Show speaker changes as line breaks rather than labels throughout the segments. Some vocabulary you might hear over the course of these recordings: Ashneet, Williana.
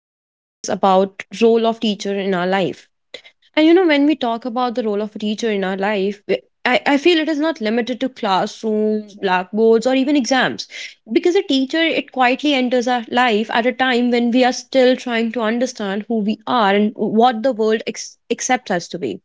topic is about role of teacher in our life. And you know, when we talk about the role of a teacher in our life, I feel it is not limited to classrooms, blackboards, or even exams. Because a teacher, it quietly enters our life at a time when we are still trying to understand who we are and what the world accepts us to be.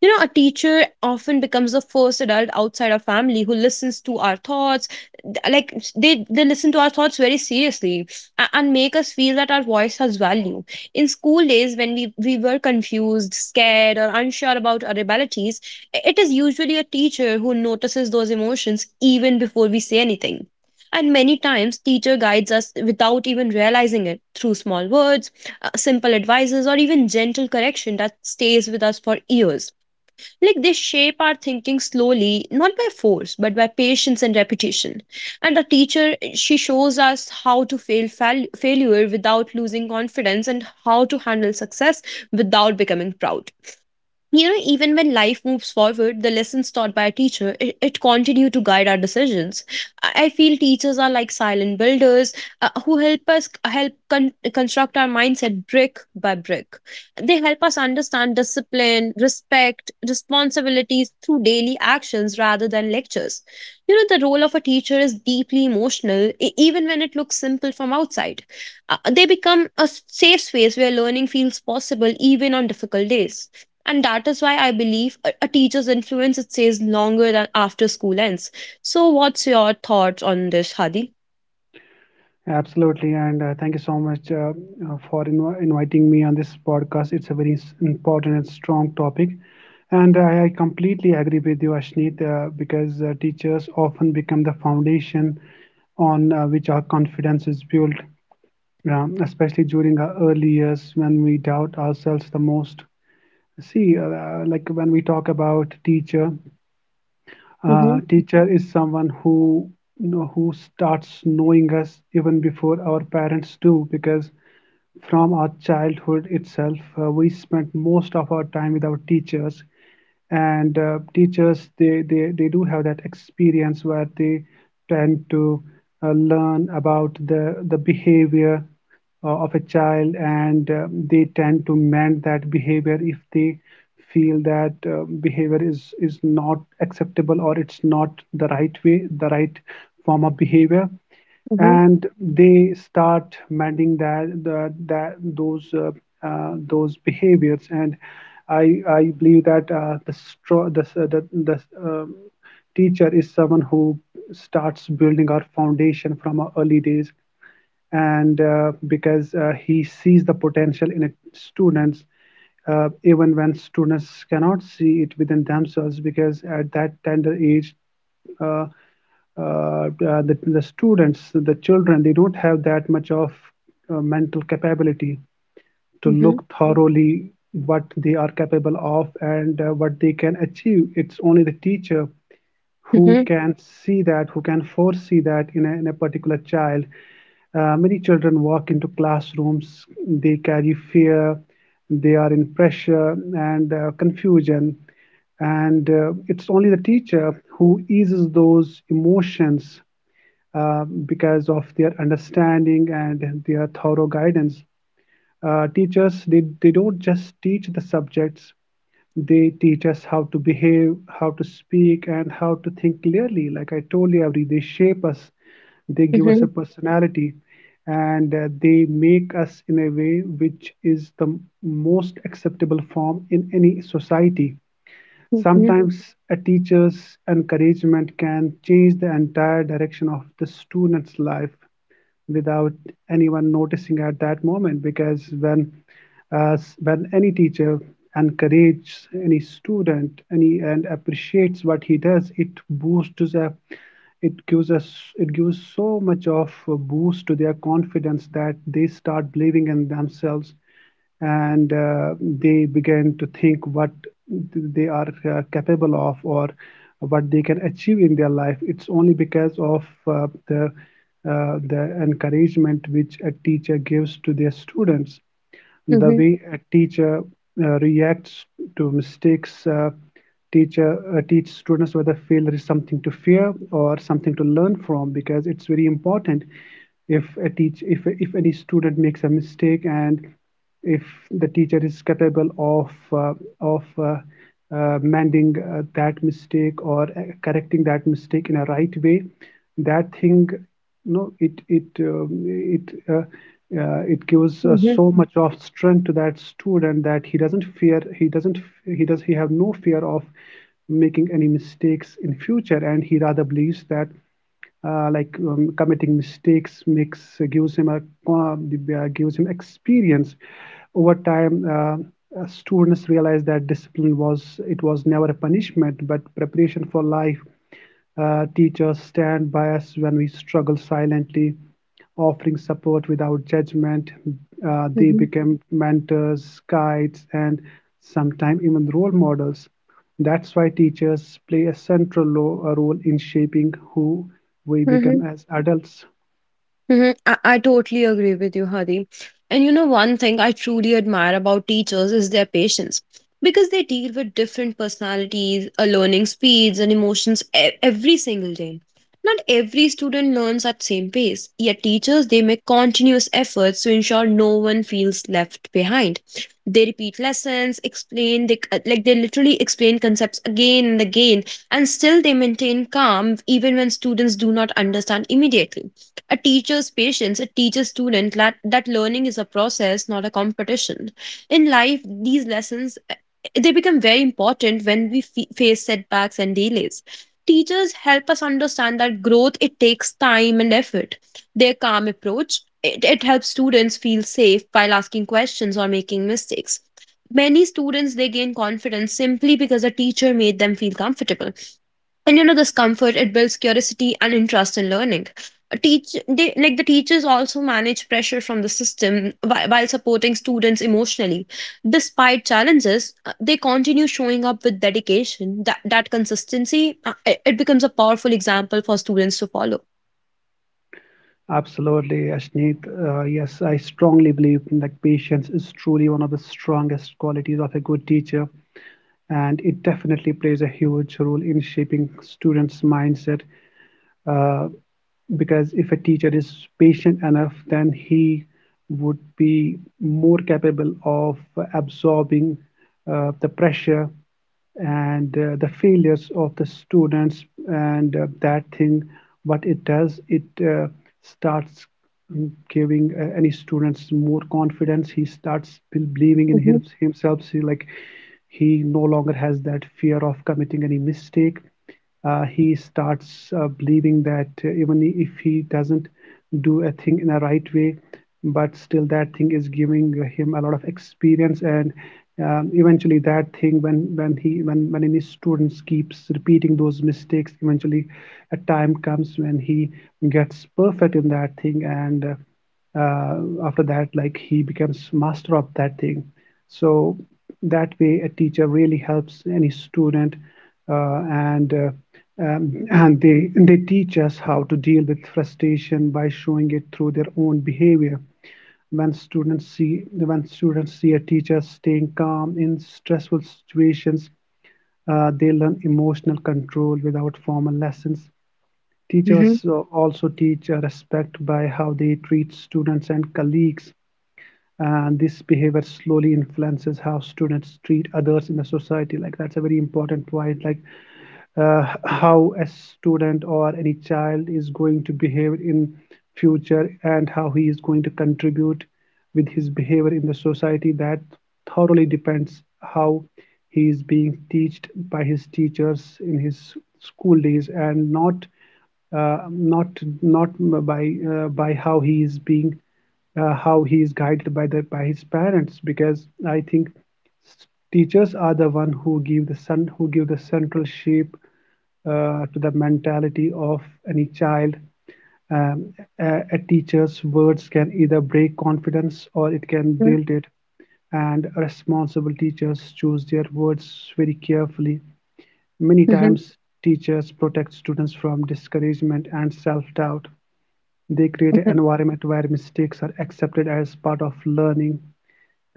You know, a teacher often becomes the first adult outside our family who listens to our thoughts. Like they listen to our thoughts very seriously and make us feel that our voice has value. In school days, when we were confused, scared, or unsure about our abilities, it is usually a teacher who notices those emotions even before we say anything. And many times, teacher guides us without even realizing it through small words, simple advices, or even gentle correction that stays with us for years. Like they shape our thinking slowly, not by force, but by patience and repetition. And a teacher, she shows us how to failure without losing confidence and how to handle success without becoming proud. You know, even when life moves forward, the lessons taught by a teacher, it continue to guide our decisions. I feel teachers are like silent builders, who help us construct our mindset brick by brick. They help us understand discipline, respect, responsibilities through daily actions rather than lectures. You know, the role of a teacher is deeply emotional even when it looks simple from outside. They become a safe space where learning feels possible even on difficult days, and that is why I believe a teacher's influence it stays longer than after school ends. So what's your thoughts on this, Hadi?
Absolutely, and thank you so much for inviting me on this podcast. It's a very important and strong topic, and I completely agree with you, Ashneet, because teachers often become the foundation on which our confidence is built, especially during our early years when we doubt ourselves the most. See, like when we talk about teacher,
Mm-hmm.
teacher is someone who who starts knowing us even before our parents do because from our childhood itself we spent most of our time with our teachers and teachers they do have that experience where they tend to learn about the behavior of a child and they tend to mend that behavior if they feel that behavior is not acceptable or it's not the right way the right form of behavior.
Hmm.
And they start mending that the, that those behaviors. And I believe that the stro- the, the um, teacher is someone who starts building our foundation from our early days, and because he sees the potential in students even when students cannot see it within themselves, because at that tender age uh, the students, the children, they don't have that much of mental capability to
Hmm.
look thoroughly what they are capable of and what they can achieve. It's only the teacher who
Hmm.
can see that, who can foresee that in in a particular child. Many children walk into classrooms, they carry fear, they are in pressure and confusion. And it's only the teacher who eases those emotions because of their understanding and their thorough guidance. Teachers, they don't just teach the subjects, they teach us how to behave, how to speak, and how to think clearly. Like I told you, Avri, they shape us, they give us
Hmm.
a personality, and they make us in a way which is the most acceptable form in any society.
Hmm.
Sometimes a teacher's encouragement can change the entire direction of the student's life without anyone noticing at that moment, because when as when any teacher encourages any student any and appreciates what he does, it boosts a it gives us it gives so much of a boost to their confidence that they start believing in themselves, and they begin to think what they are capable of or what they can achieve in their life. It's only because of the encouragement which a teacher gives to their students. The
Hmm.
way a teacher reacts to mistakes, teach students whether failure is something to fear or something to learn from, because it's very important. If a teach if any student makes a mistake and if the teacher is capable of of uh, mending that mistake or correcting that mistake in a right way, that thing no, it gives so much of strength to that student that he doesn't fear, he doesn't he does he have no fear of making any mistakes in future, and he rather believes that committing mistakes makes gives him a gives him experience. Over time students realize that discipline was it was never a punishment but preparation for life. Teachers stand by us when we struggle silently, offering support without judgment. They
Hmm.
become mentors, guides, and sometimes even role models. That's why teachers play a central a role in shaping who we
Hmm.
become as adults.
Hmm. I totally agree with you, Hadi. And you know, one thing I truly admire about teachers is their patience, because they deal with different personalities, learning speeds, and emotions every single day. Not every student learns at same pace, yet teachers they make continuous efforts to ensure no one feels left behind. They repeat lessons, explain like they literally explain concepts again and again, and still they maintain calm even when students do not understand immediately. A teacher's patience, a teacher student, that learning is a process, not a competition. In life, these lessons they become very important when we face setbacks and delays. Teachers help us understand that growth it takes time and effort. Their calm approach, it helps students feel safe while asking questions or making mistakes. Many students they gain confidence simply because a teacher made them feel comfortable. And you know, this comfort it builds curiosity and interest in learning. A teach they like the teachers also manage pressure from the system while supporting students emotionally. Despite challenges, they continue showing up with dedication. That consistency, it becomes a powerful example for students to follow.
Absolutely, Ashneet. Yes, I strongly believe in that patience is truly one of the strongest qualities of a good teacher, and it definitely plays a huge role in shaping students' mindset, uh, because if a teacher is patient enough, then he would be more capable of absorbing the pressure and the failures of the students. And that thing what it does, it starts giving any students more confidence. He starts believing in
Mhm.
him, himself. See, like, he no longer has that fear of committing any mistake. He starts believing that even if he doesn't do a thing in a right way, but still that thing is giving him a lot of experience. And eventually that thing when he when any students keeps repeating those mistakes, eventually a time comes when he gets perfect in that thing, and uh, after that, like, he becomes master of that thing. So that way a teacher really helps any student, uh, and uh, and they teach us how to deal with frustration by showing it through their own behavior. When students see when students see a teacher staying calm in stressful situations, they learn emotional control without formal lessons.
Mhm.
Teachers also teach respect by how they treat students and colleagues. And this behavior slowly influences how students treat others in the society. Like, that's a very important point. Like, how a student or any child is going to behave in future and how he is going to contribute with his behavior in the society, that thoroughly depends how he is being taught by his teachers in his school days and not uh, not not by by how he is being how he is guided by the by his parents, because I think teachers are the one who give the son who give the central shape to the mentality of any child. Um, a teacher's words can either break confidence or it can build it, and responsible teachers choose their words very carefully. Many
Mhm.
times teachers protect students from discouragement and self-doubt. They create an
Mhm.
environment where mistakes are accepted as part of learning.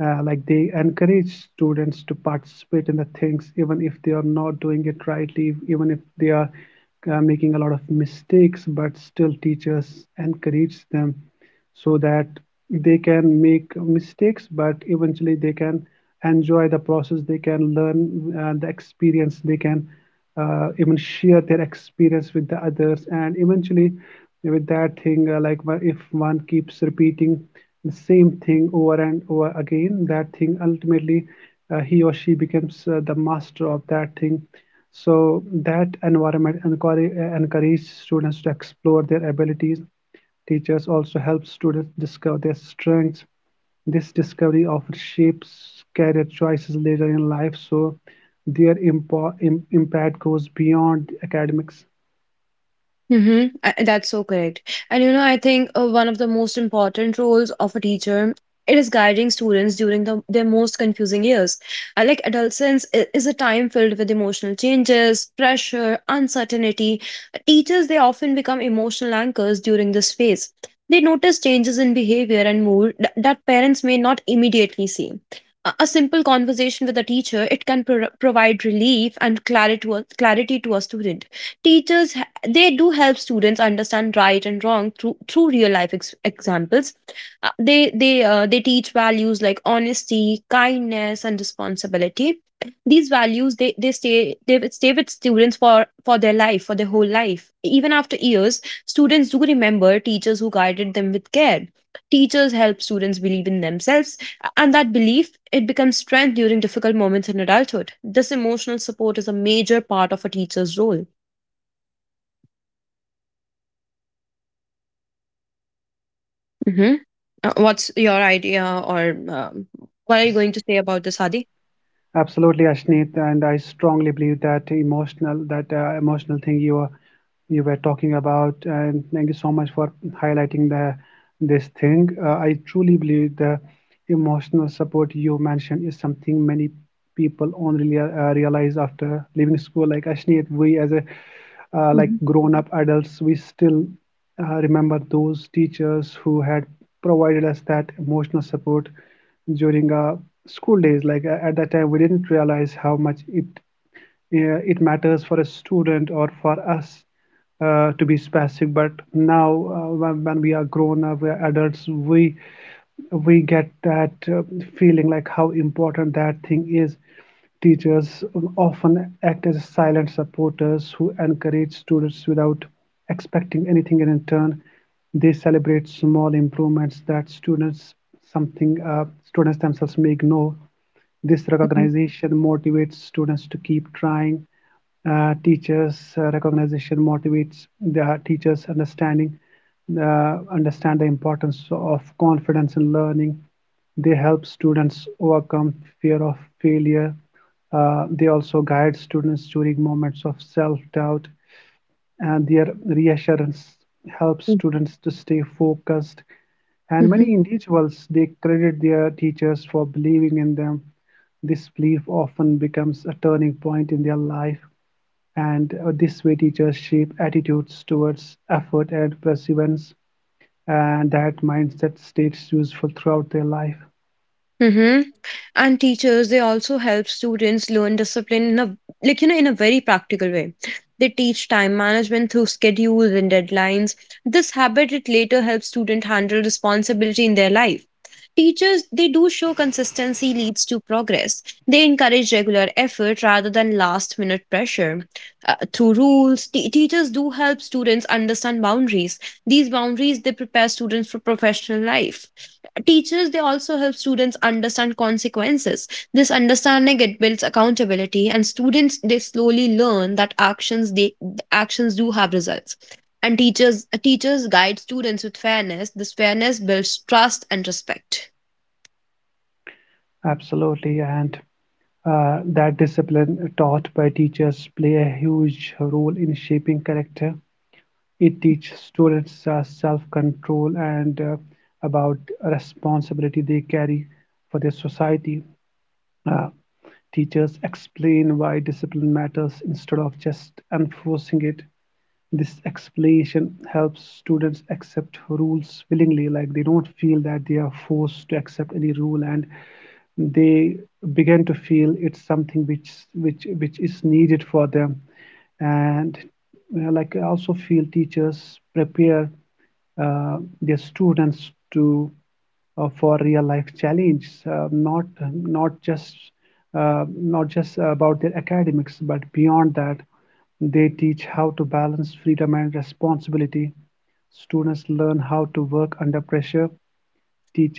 Like, they encourage students to participate in the things, even if they are not doing it rightly, even if they are making a lot of mistakes, but still teachers encourage them so that they can make mistakes, but eventually they can enjoy the process, they can learn the experience, they can even share their experience with the others, and eventually with that thing, like, if one keeps repeating the same thing over and over again, that thing ultimately he or she becomes the master of that thing. So that environment encourages students to explore their abilities. Teachers also help students discover their strengths. This discovery often shapes career choices later in life, so their impact goes beyond academics.
Mm-hmm. I, that's so correct. And you know, I think one of the most important roles of a teacher, it is guiding students during their most confusing years. Like adolescence is a time filled with emotional changes, pressure, uncertainty. Teachers they often become emotional anchors during this phase. They notice changes in behavior and mood that parents may not immediately see. A simple conversation with a teacher it can provide relief and clarity to clarity to a student. Teachers they do help students understand right and wrong through through real life examples. They teach values like honesty, kindness and responsibility. These values they will stay with students for their life for their whole life. Even after years, students do remember teachers who guided them with care. Teachers help students believe in themselves, and that belief it becomes strength during difficult moments in adulthood. This emotional support is a major part of a teacher's role. Hmm. What's your idea, or what are you
Yes,
going to say about the Sadi?
absolutely, Ashneet, and I strongly believe that emotional thing you are you were talking about, and thank you so much for highlighting the this thing. I truly believe the emotional support you mentioned is something many people only realize after leaving school. Like, Ashneet, we as a like
Mhm.
grown up adults, we still remember those teachers who had provided us that emotional support during our school days. Like, at that time, we didn't realize how much it it matters for a student or for us, to be specific. But now, when we are grown up, we are adults, we get that feeling like how important that thing is. Teachers often act as silent supporters who encourage students without expecting anything in return. They celebrate small improvements that students something students themselves may ignore. This
Mhm.
recognition motivates students to keep trying. Teachers recognition motivates the teachers understanding understand the importance of confidence in learning. They help students overcome fear of failure. They also guide students during moments of self doubt, and their reassurance helps
Mhm.
students to stay focused, and many individuals they credit their teachers for believing in them. This belief often becomes a turning point in their life, and this way teachers shape attitudes towards effort and perseverance, and that mindset stays useful throughout their life.
Mm-hmm. And teachers they also help students learn discipline in a, like you know, in a very practical way. They teach time management through schedules and deadlines. This habit it later helps student handle responsibility in their life. Teachers they do show consistency leads to progress. They encourage regular effort rather than last minute pressure. Through rules, teachers do help students understand boundaries. These boundaries they prepare students for professional life. Teachers, they also help students understand consequences. This understanding it builds accountability, and students they slowly learn that actions do have results. And teachers guide students with fairness. This fairness builds trust and respect.
Absolutely, and that discipline taught by teachers play a huge role in shaping character. It teaches students self-control and about responsibility they carry for their society. Uh, Teachers explain why discipline matters instead of just enforcing it. This explanation helps students accept rules willingly, like, they don't feel that they are forced to accept any rule, and they begin to feel it's something which is needed for them. And like, I also feel teachers prepare their students to for real life challenges, not just not just about their academics, but beyond that, they teach how to balance freedom and responsibility. Students learn how to work under pressure.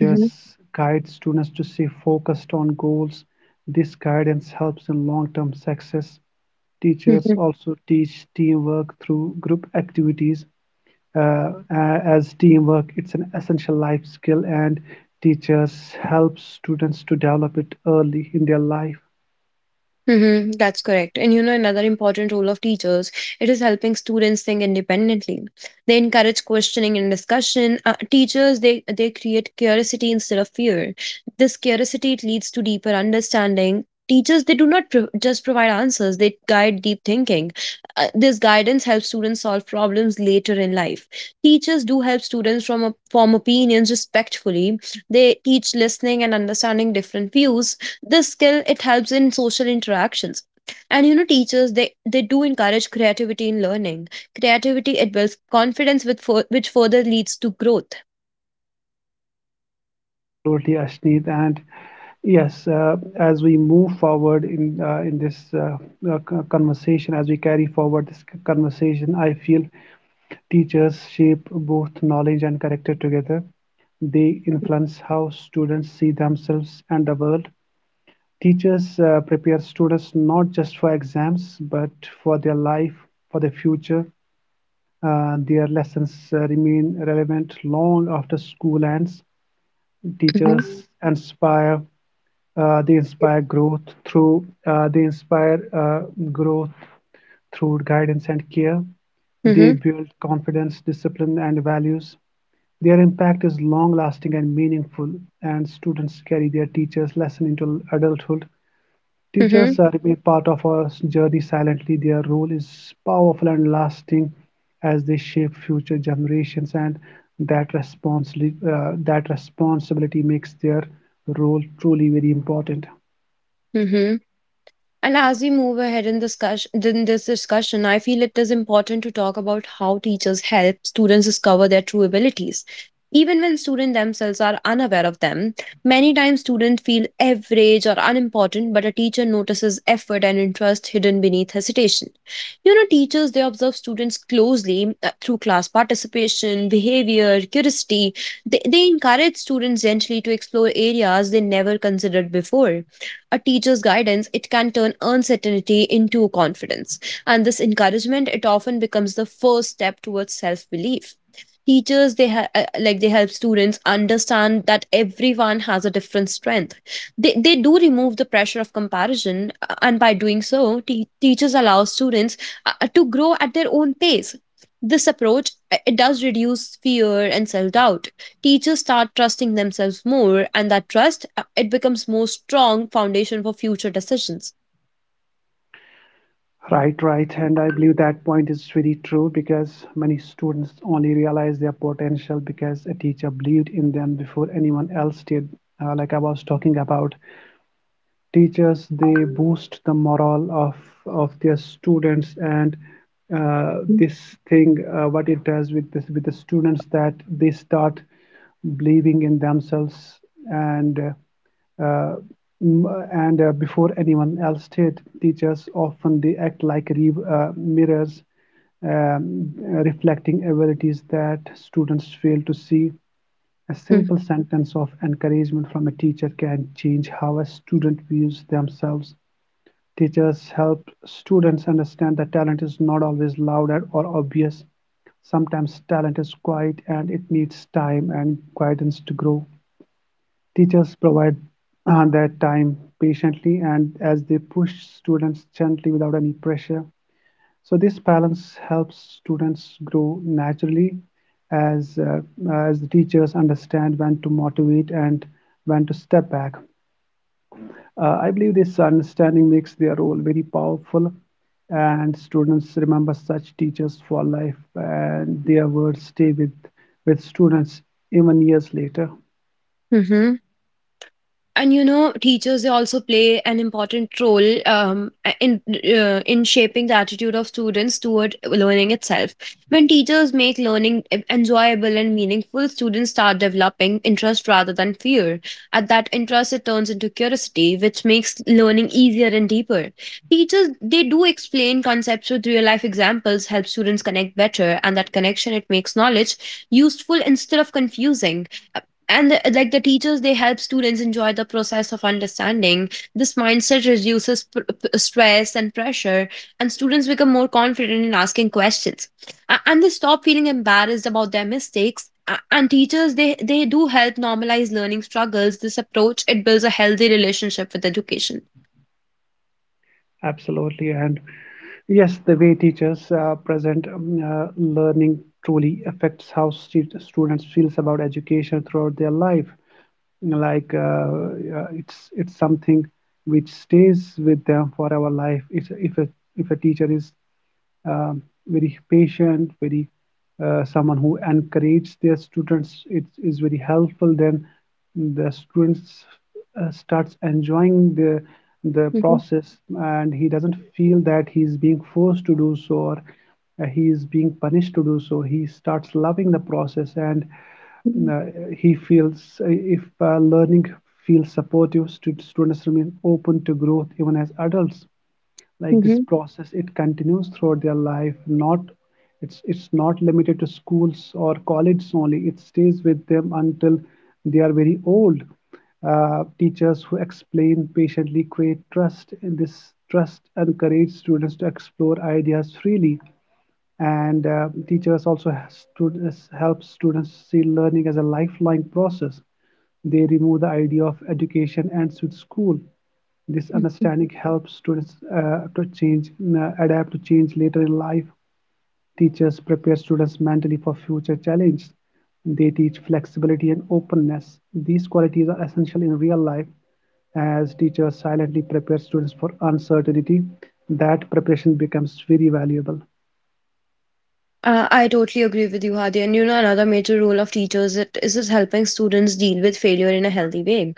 Mhm.
guide students to stay focused on goals. This guidance helps in long-term success. Teachers also teach teamwork through group activities, uh, as teamwork. It's an essential life skill, and teachers help students to develop it early in their life.
Mm-hmm, that's correct. And you know, another important role of teachers, it is helping students think independently. They encourage questioning and discussion. Teachers, they create curiosity instead of fear. This curiosity it leads to deeper understanding. Teachers, they do not just provide answers, they guide deep thinking. This guidance helps students solve problems later in life. Teachers do help students form opinions respectfully. They teach listening and understanding different views. This skill it helps in social interactions. And you know, teachers they do encourage creativity in learning. Creativity it builds confidence with fur which further leads to growth.
Absolutely, Ashneet. And yes, as we move forward in this uh, conversation, as we carry forward this conversation, I feel teachers shape both knowledge and character together. They influence how students see themselves and the world. Teachers prepare students not just for exams but for their life, for their future. Their lessons remain relevant long after school ends.
Mm-hmm.
Teachers inspire. They inspire growth through guidance and care. They
Mm-hmm.
build confidence, discipline, and values. Their impact is long lasting and meaningful, and students carry their teachers' lesson into adulthood. Teachers remain part of our journey silently. Their role is powerful and lasting as they shape future generations, and that responsibility makes their role truly very important.
Mm-hmm. And as we move ahead in this in this discussion, I feel it is important to talk about how teachers help students discover their true abilities, even when students themselves are unaware of them. Many times students feel average or unimportant, but a teacher notices effort and interest hidden beneath hesitation. You know, teachers they observe students closely through class participation, behavior, curiosity. They encourage students gently to explore areas they never considered before. A teacher's guidance, it can turn uncertainty into confidence. And this encouragement, it often becomes the first step towards self belief. Like they help students understand that everyone has a different strength. They do remove the pressure of comparison, and by doing so, teachers allow students to grow at their own pace. This approach, it does reduce fear and self doubt. Teachers start trusting themselves more, and that trust, it becomes more strong foundation for future decisions.
Right, right, and I believe that point is really true because many students only realize their potential because a teacher believed in them before anyone else did. Like I was talking about, teachers, they boost the morale of their students. And this thing, what it does with this, with the students, that they start believing in themselves, and uh, uh, m- before anyone else did, teachers often, they act like mirrors, um, reflecting abilities that students fail to see. A
Mhm.
simple sentence of encouragement from a teacher can change how a student views themselves. Teachers help students understand that talent is not always loud or obvious. Sometimes talent is quiet and it needs time and guidance to grow. Teachers provide that time patiently, and as they push students gently without any pressure. So this balance helps students grow naturally, as, uh, as the teachers understand when to motivate and when to step back. I believe this understanding makes their role very powerful, and students remember such teachers for life, and their words stay with students even years later.
Mhm. And you know, teachers they also play an important role, in shaping the attitude of students toward learning itself. When teachers make learning enjoyable and meaningful, students start developing interest rather than fear. At that, interest it turns into curiosity, which makes learning easier and deeper. Teachers they do explain concepts with real life examples, help students connect better, and that connection it makes knowledge useful instead of confusing. And like the teachers they help students enjoy the process of understanding. This mindset reduces stress and pressure, and students become more confident in asking questions. And they stop feeling embarrassed about their mistakes. And teachers they do help normalize learning struggles. This approach it builds a healthy relationship with education.
Absolutely. And yes, the way teachers present learning truly affects how students feels about education throughout their life. Like it's something which stays with them for our life. It's, if a teacher is very patient, very someone who encourages their students, it is very helpful. Then the students starts enjoying the
Mhm.
process, and he doesn't feel that he is being forced to do so, or he is being punished to do so. He starts loving the process, and
Mhm.
uh, he feels if learning feels supportive, students remain open to growth even as adults. Like, this process, it continues throughout their life. Not, it's it's not limited to schools or colleges only. It stays with them until they are very old. Teachers who explain patiently create trust, and this trust encourages students to explore ideas freely. And teachers also has help students see learning as a lifelong process. They remove the idea of education ends with school. This
Mhm.
understanding helps students to change, adapt to change later in life. Teachers prepare students mentally for future challenges. They teach flexibility and openness. These qualities are essential in real life, as teachers silently prepare students for uncertainty. That preparation becomes very valuable.
I totally agree with you, Hadi. And you know, another major role of teachers is helping students deal with failure in a healthy way.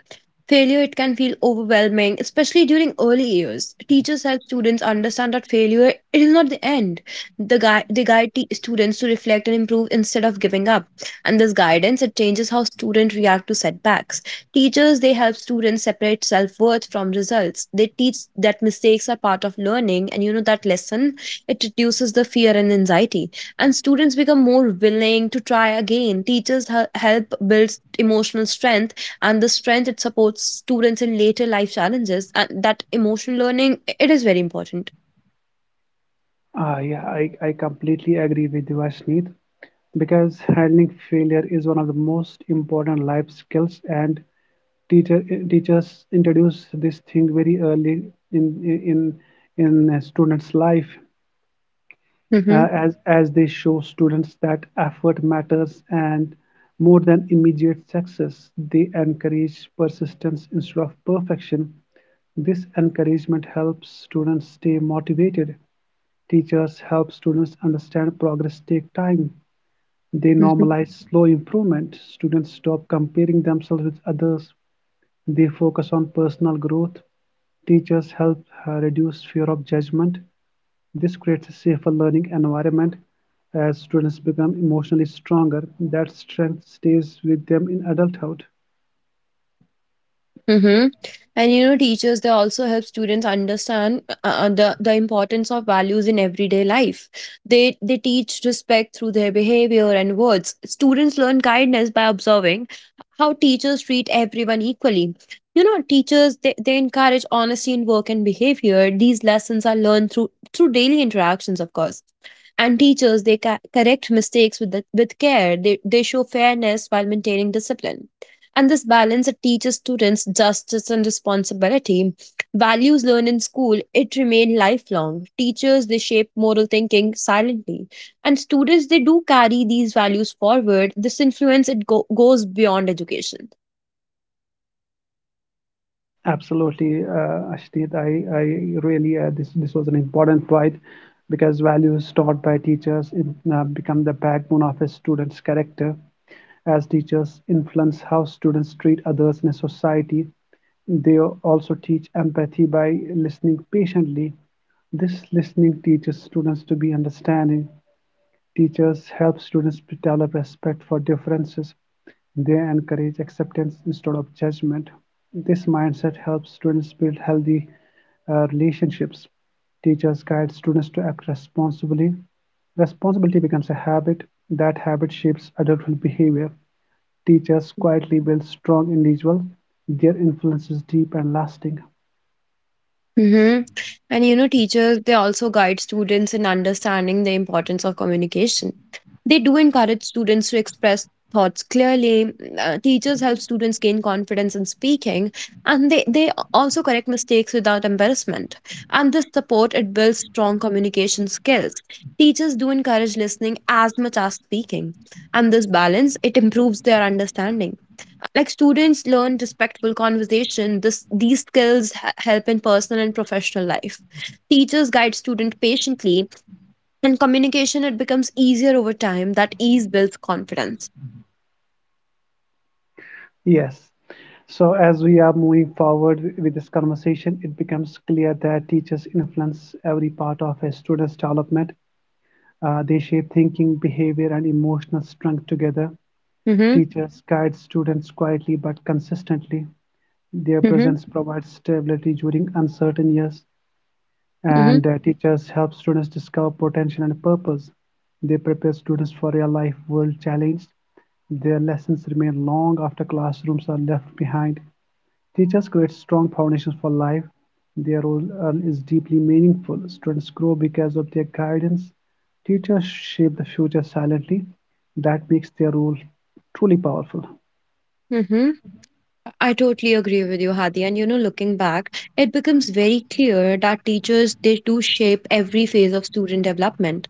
Failure it can feel overwhelming, especially during early years. Teachers help students understand that failure it is not the end. They guide students to reflect and improve instead of giving up. And this guidance it changes how students react to setbacks. Teachers they help students separate self worth from results. They teach that mistakes are part of learning, and you know that lesson it reduces the fear and anxiety. And students become more willing to try again. Teachers help build emotional strength, and the strength it supports students in later life challenges, and that emotional learning it is very important.
Ah, yeah, I completely agree with you, Ashneet, because handling failure is one of the most important life skills, and teachers introduce this thing very early in in a students' life, uh,
Mm-hmm.
as as they show students that effort matters and more than immediate success. They encourage persistence instead of perfection. This encouragement helps students stay motivated. Teachers help students understand progress takes time. They normalize slow improvement. Students stop comparing themselves with others. They focus on personal growth. Teachers help reduce fear of judgment. This creates a safer learning environment, as students become emotionally stronger. That strength stays with them in adulthood.
Mm-hmm. And you know, teachers they also help students understand the importance of values in everyday life. They teach respect through their behavior and words. Students learn kindness by observing how teachers treat everyone equally. You know, teachers they encourage honesty in work and behavior. These lessons are learned through through daily interactions, of course. And teachers they correct mistakes with care. They show fairness while maintaining discipline, and this balance it teaches students justice and responsibility. Values learned in school, it remain lifelong. Teachers, they shape moral thinking silently. And students, they do carry these values forward. This influence, it goes beyond education.
Absolutely, Ashdeep. I really this was an important point, because values taught by teachers become the backbone of a student's character. As teachers influence how students treat others in a society, they also teach empathy by listening patiently. This listening teaches students to be understanding. Teachers help students develop respect for differences. They encourage acceptance instead of judgment. This mindset helps students build healthy relationships. Teachers guide students to act responsibly. Responsibility becomes a habit. That habit shapes adulthood behavior. Teachers quietly build strong individuals. Their influence is deep and lasting.
Mm-hmm. And you know, teachers, they also guide students in understanding the importance of communication. They do encourage students to express thoughts clearly. Mm. Teachers help students gain confidence in speaking, and they also correct mistakes without embarrassment. And this support, it builds strong communication skills. Teachers do encourage listening as much as speaking. And this balance, it improves their understanding. Like students learn respectful conversation. This these skills help in personal and professional life. Teachers guide student patiently, and communication it becomes easier over time. That ease builds confidence.
Yes. So, as we are moving forward with this conversation, it becomes clear that teachers influence every part of a student's development. They shape thinking, behavior, and emotional strength together.
Mm-hmm.
Teachers guide students quietly but consistently. Their
Mm-hmm.
presence provides stability during uncertain years,
Mm-hmm.
and teachers help students discover potential and purpose. They prepare students for real life world challenges. Their lessons remain long after classrooms are left behind. Teachers create strong foundations for life. Their role is deeply meaningful. Students grow because of their guidance. Teachers shape the future silently. That makes their role truly powerful.
Mm-hmm. I totally agree with you, Hadi. And you know, looking back, it becomes very clear that teachers they do shape every phase of student development.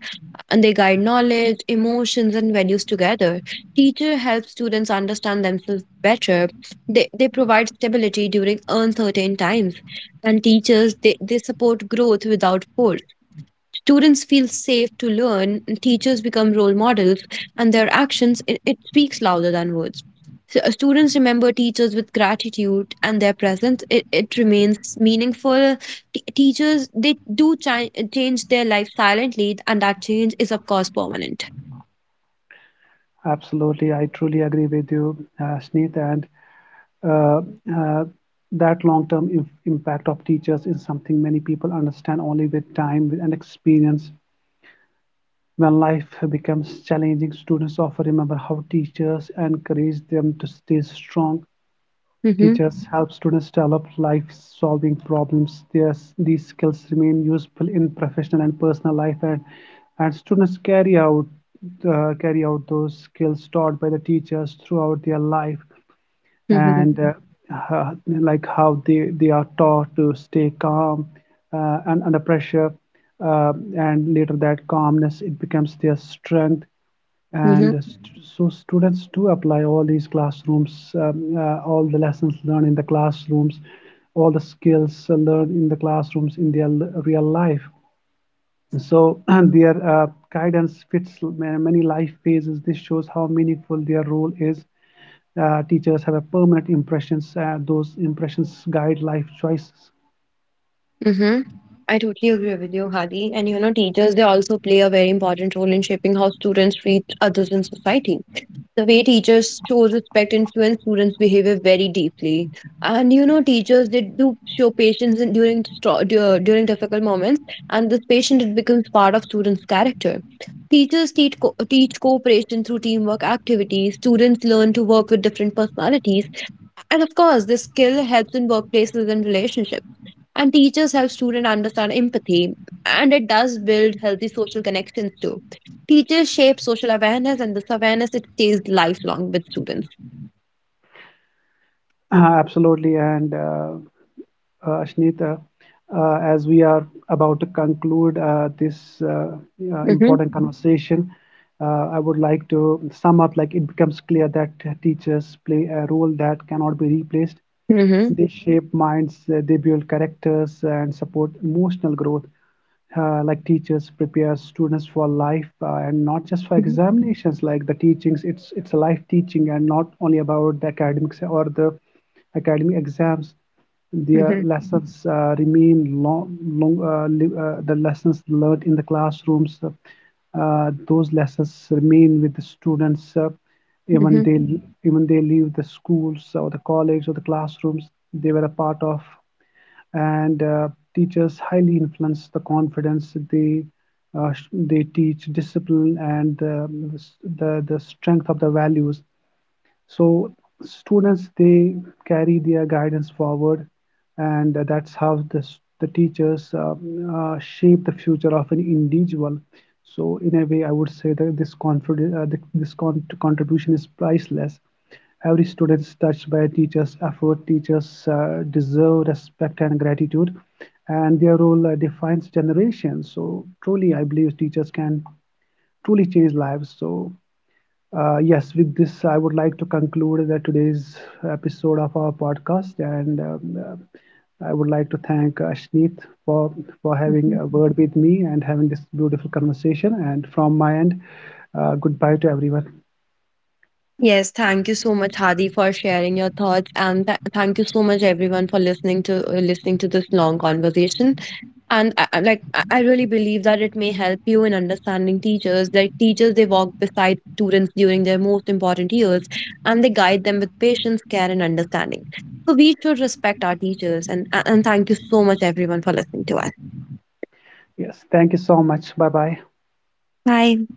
And they guide knowledge, emotions, and values together. Teacher helps students understand themselves better. They provide stability during uncertain times. And teachers they support growth without force. Students feel safe to learn, and teachers become role models, and their actions, it speaks louder than words. So, students remember teachers with gratitude, and their presence, it remains meaningful. Teachers, they do change their life silently, and that change is, of course, permanent.
Absolutely, I truly agree with you, Sneeth, and uh, uh, that long-term impact of teachers is something many people understand only with time and experience. When life becomes challenging, students often remember how teachers encouraged them to stay strong.
Mm-hmm.
Teachers help students develop life-solving problems. These skills remain useful in professional and personal life, and students carry out those skills taught by the teachers throughout their life.
Mm-hmm.
And uh, like how they are taught to stay calm and under pressure, and later that calmness, it becomes their strength.
Mm-hmm.
and st- so students do apply all these classrooms, all the lessons learned in the classrooms, all the skills learned in the classrooms in their real life. So their guidance fits many life phases. This shows how meaningful their role is. Teachers have a permanent impressions. Those impressions guide life choices.
Mm-hmm. I totally agree with you, Hadi. And you know, teachers, they also play a very important role in shaping how students treat others in society. The way teachers show respect influence students' behavior very deeply. And you know, teachers they do show patience during during difficult moments, and this patience it becomes part of students' character. Teachers teach teach cooperation through teamwork activities. Students learn to work with different personalities, and of course, this skill helps in workplaces and relationships. And teachers help students understand empathy, and it does build healthy social connections too. Teachers shape social awareness, and this awareness it stays lifelong with students.
Absolutely. And Ashnita, as we are about to conclude this
Hmm.
important conversation, I would like to sum up. Like, it becomes clear that teachers play a role that cannot be replaced.
Hmm.
They shape minds, they build characters, and support emotional growth. Like, teachers prepare students for life, and not just for examinations. Like, the teachings, it's a life teaching and not only about the academics or the academic exams. Their
Hmm.
lessons remain long, the lessons learned in the classrooms, those lessons remain with the students, even
Hmm.
they, even they leave the schools or the college or the classrooms they were a part of. And teachers highly influence the confidence. They they teach discipline and, the strength of the values. So students, they carry their guidance forward, and that's how the teachers, shape the future of an individual. So in a way, I would say that this confidence, this contribution is priceless. Every student is touched by a teacher's effort. Teachers deserve respect and gratitude, and their role defines generations. So truly, I believe teachers can truly change lives. So yes, with this, I would like to conclude the today's episode of our podcast, and I would like to thank Ashneet for for having
Hmm.
a word with me and having this beautiful conversation. And from my end, goodbye to everyone.
Yes, thank you so much, Hadi, for sharing your thoughts. And thank you so much, everyone, for listening to listening to this long conversation. And I like I really believe that it may help you in understanding teachers. Like teachers, they walk beside students during their most important years, and they guide them with patience, care, and understanding. So we should respect our teachers. And thank you so much, everyone, for listening to us.
Yes, thank you so much. Bye bye.
Bye.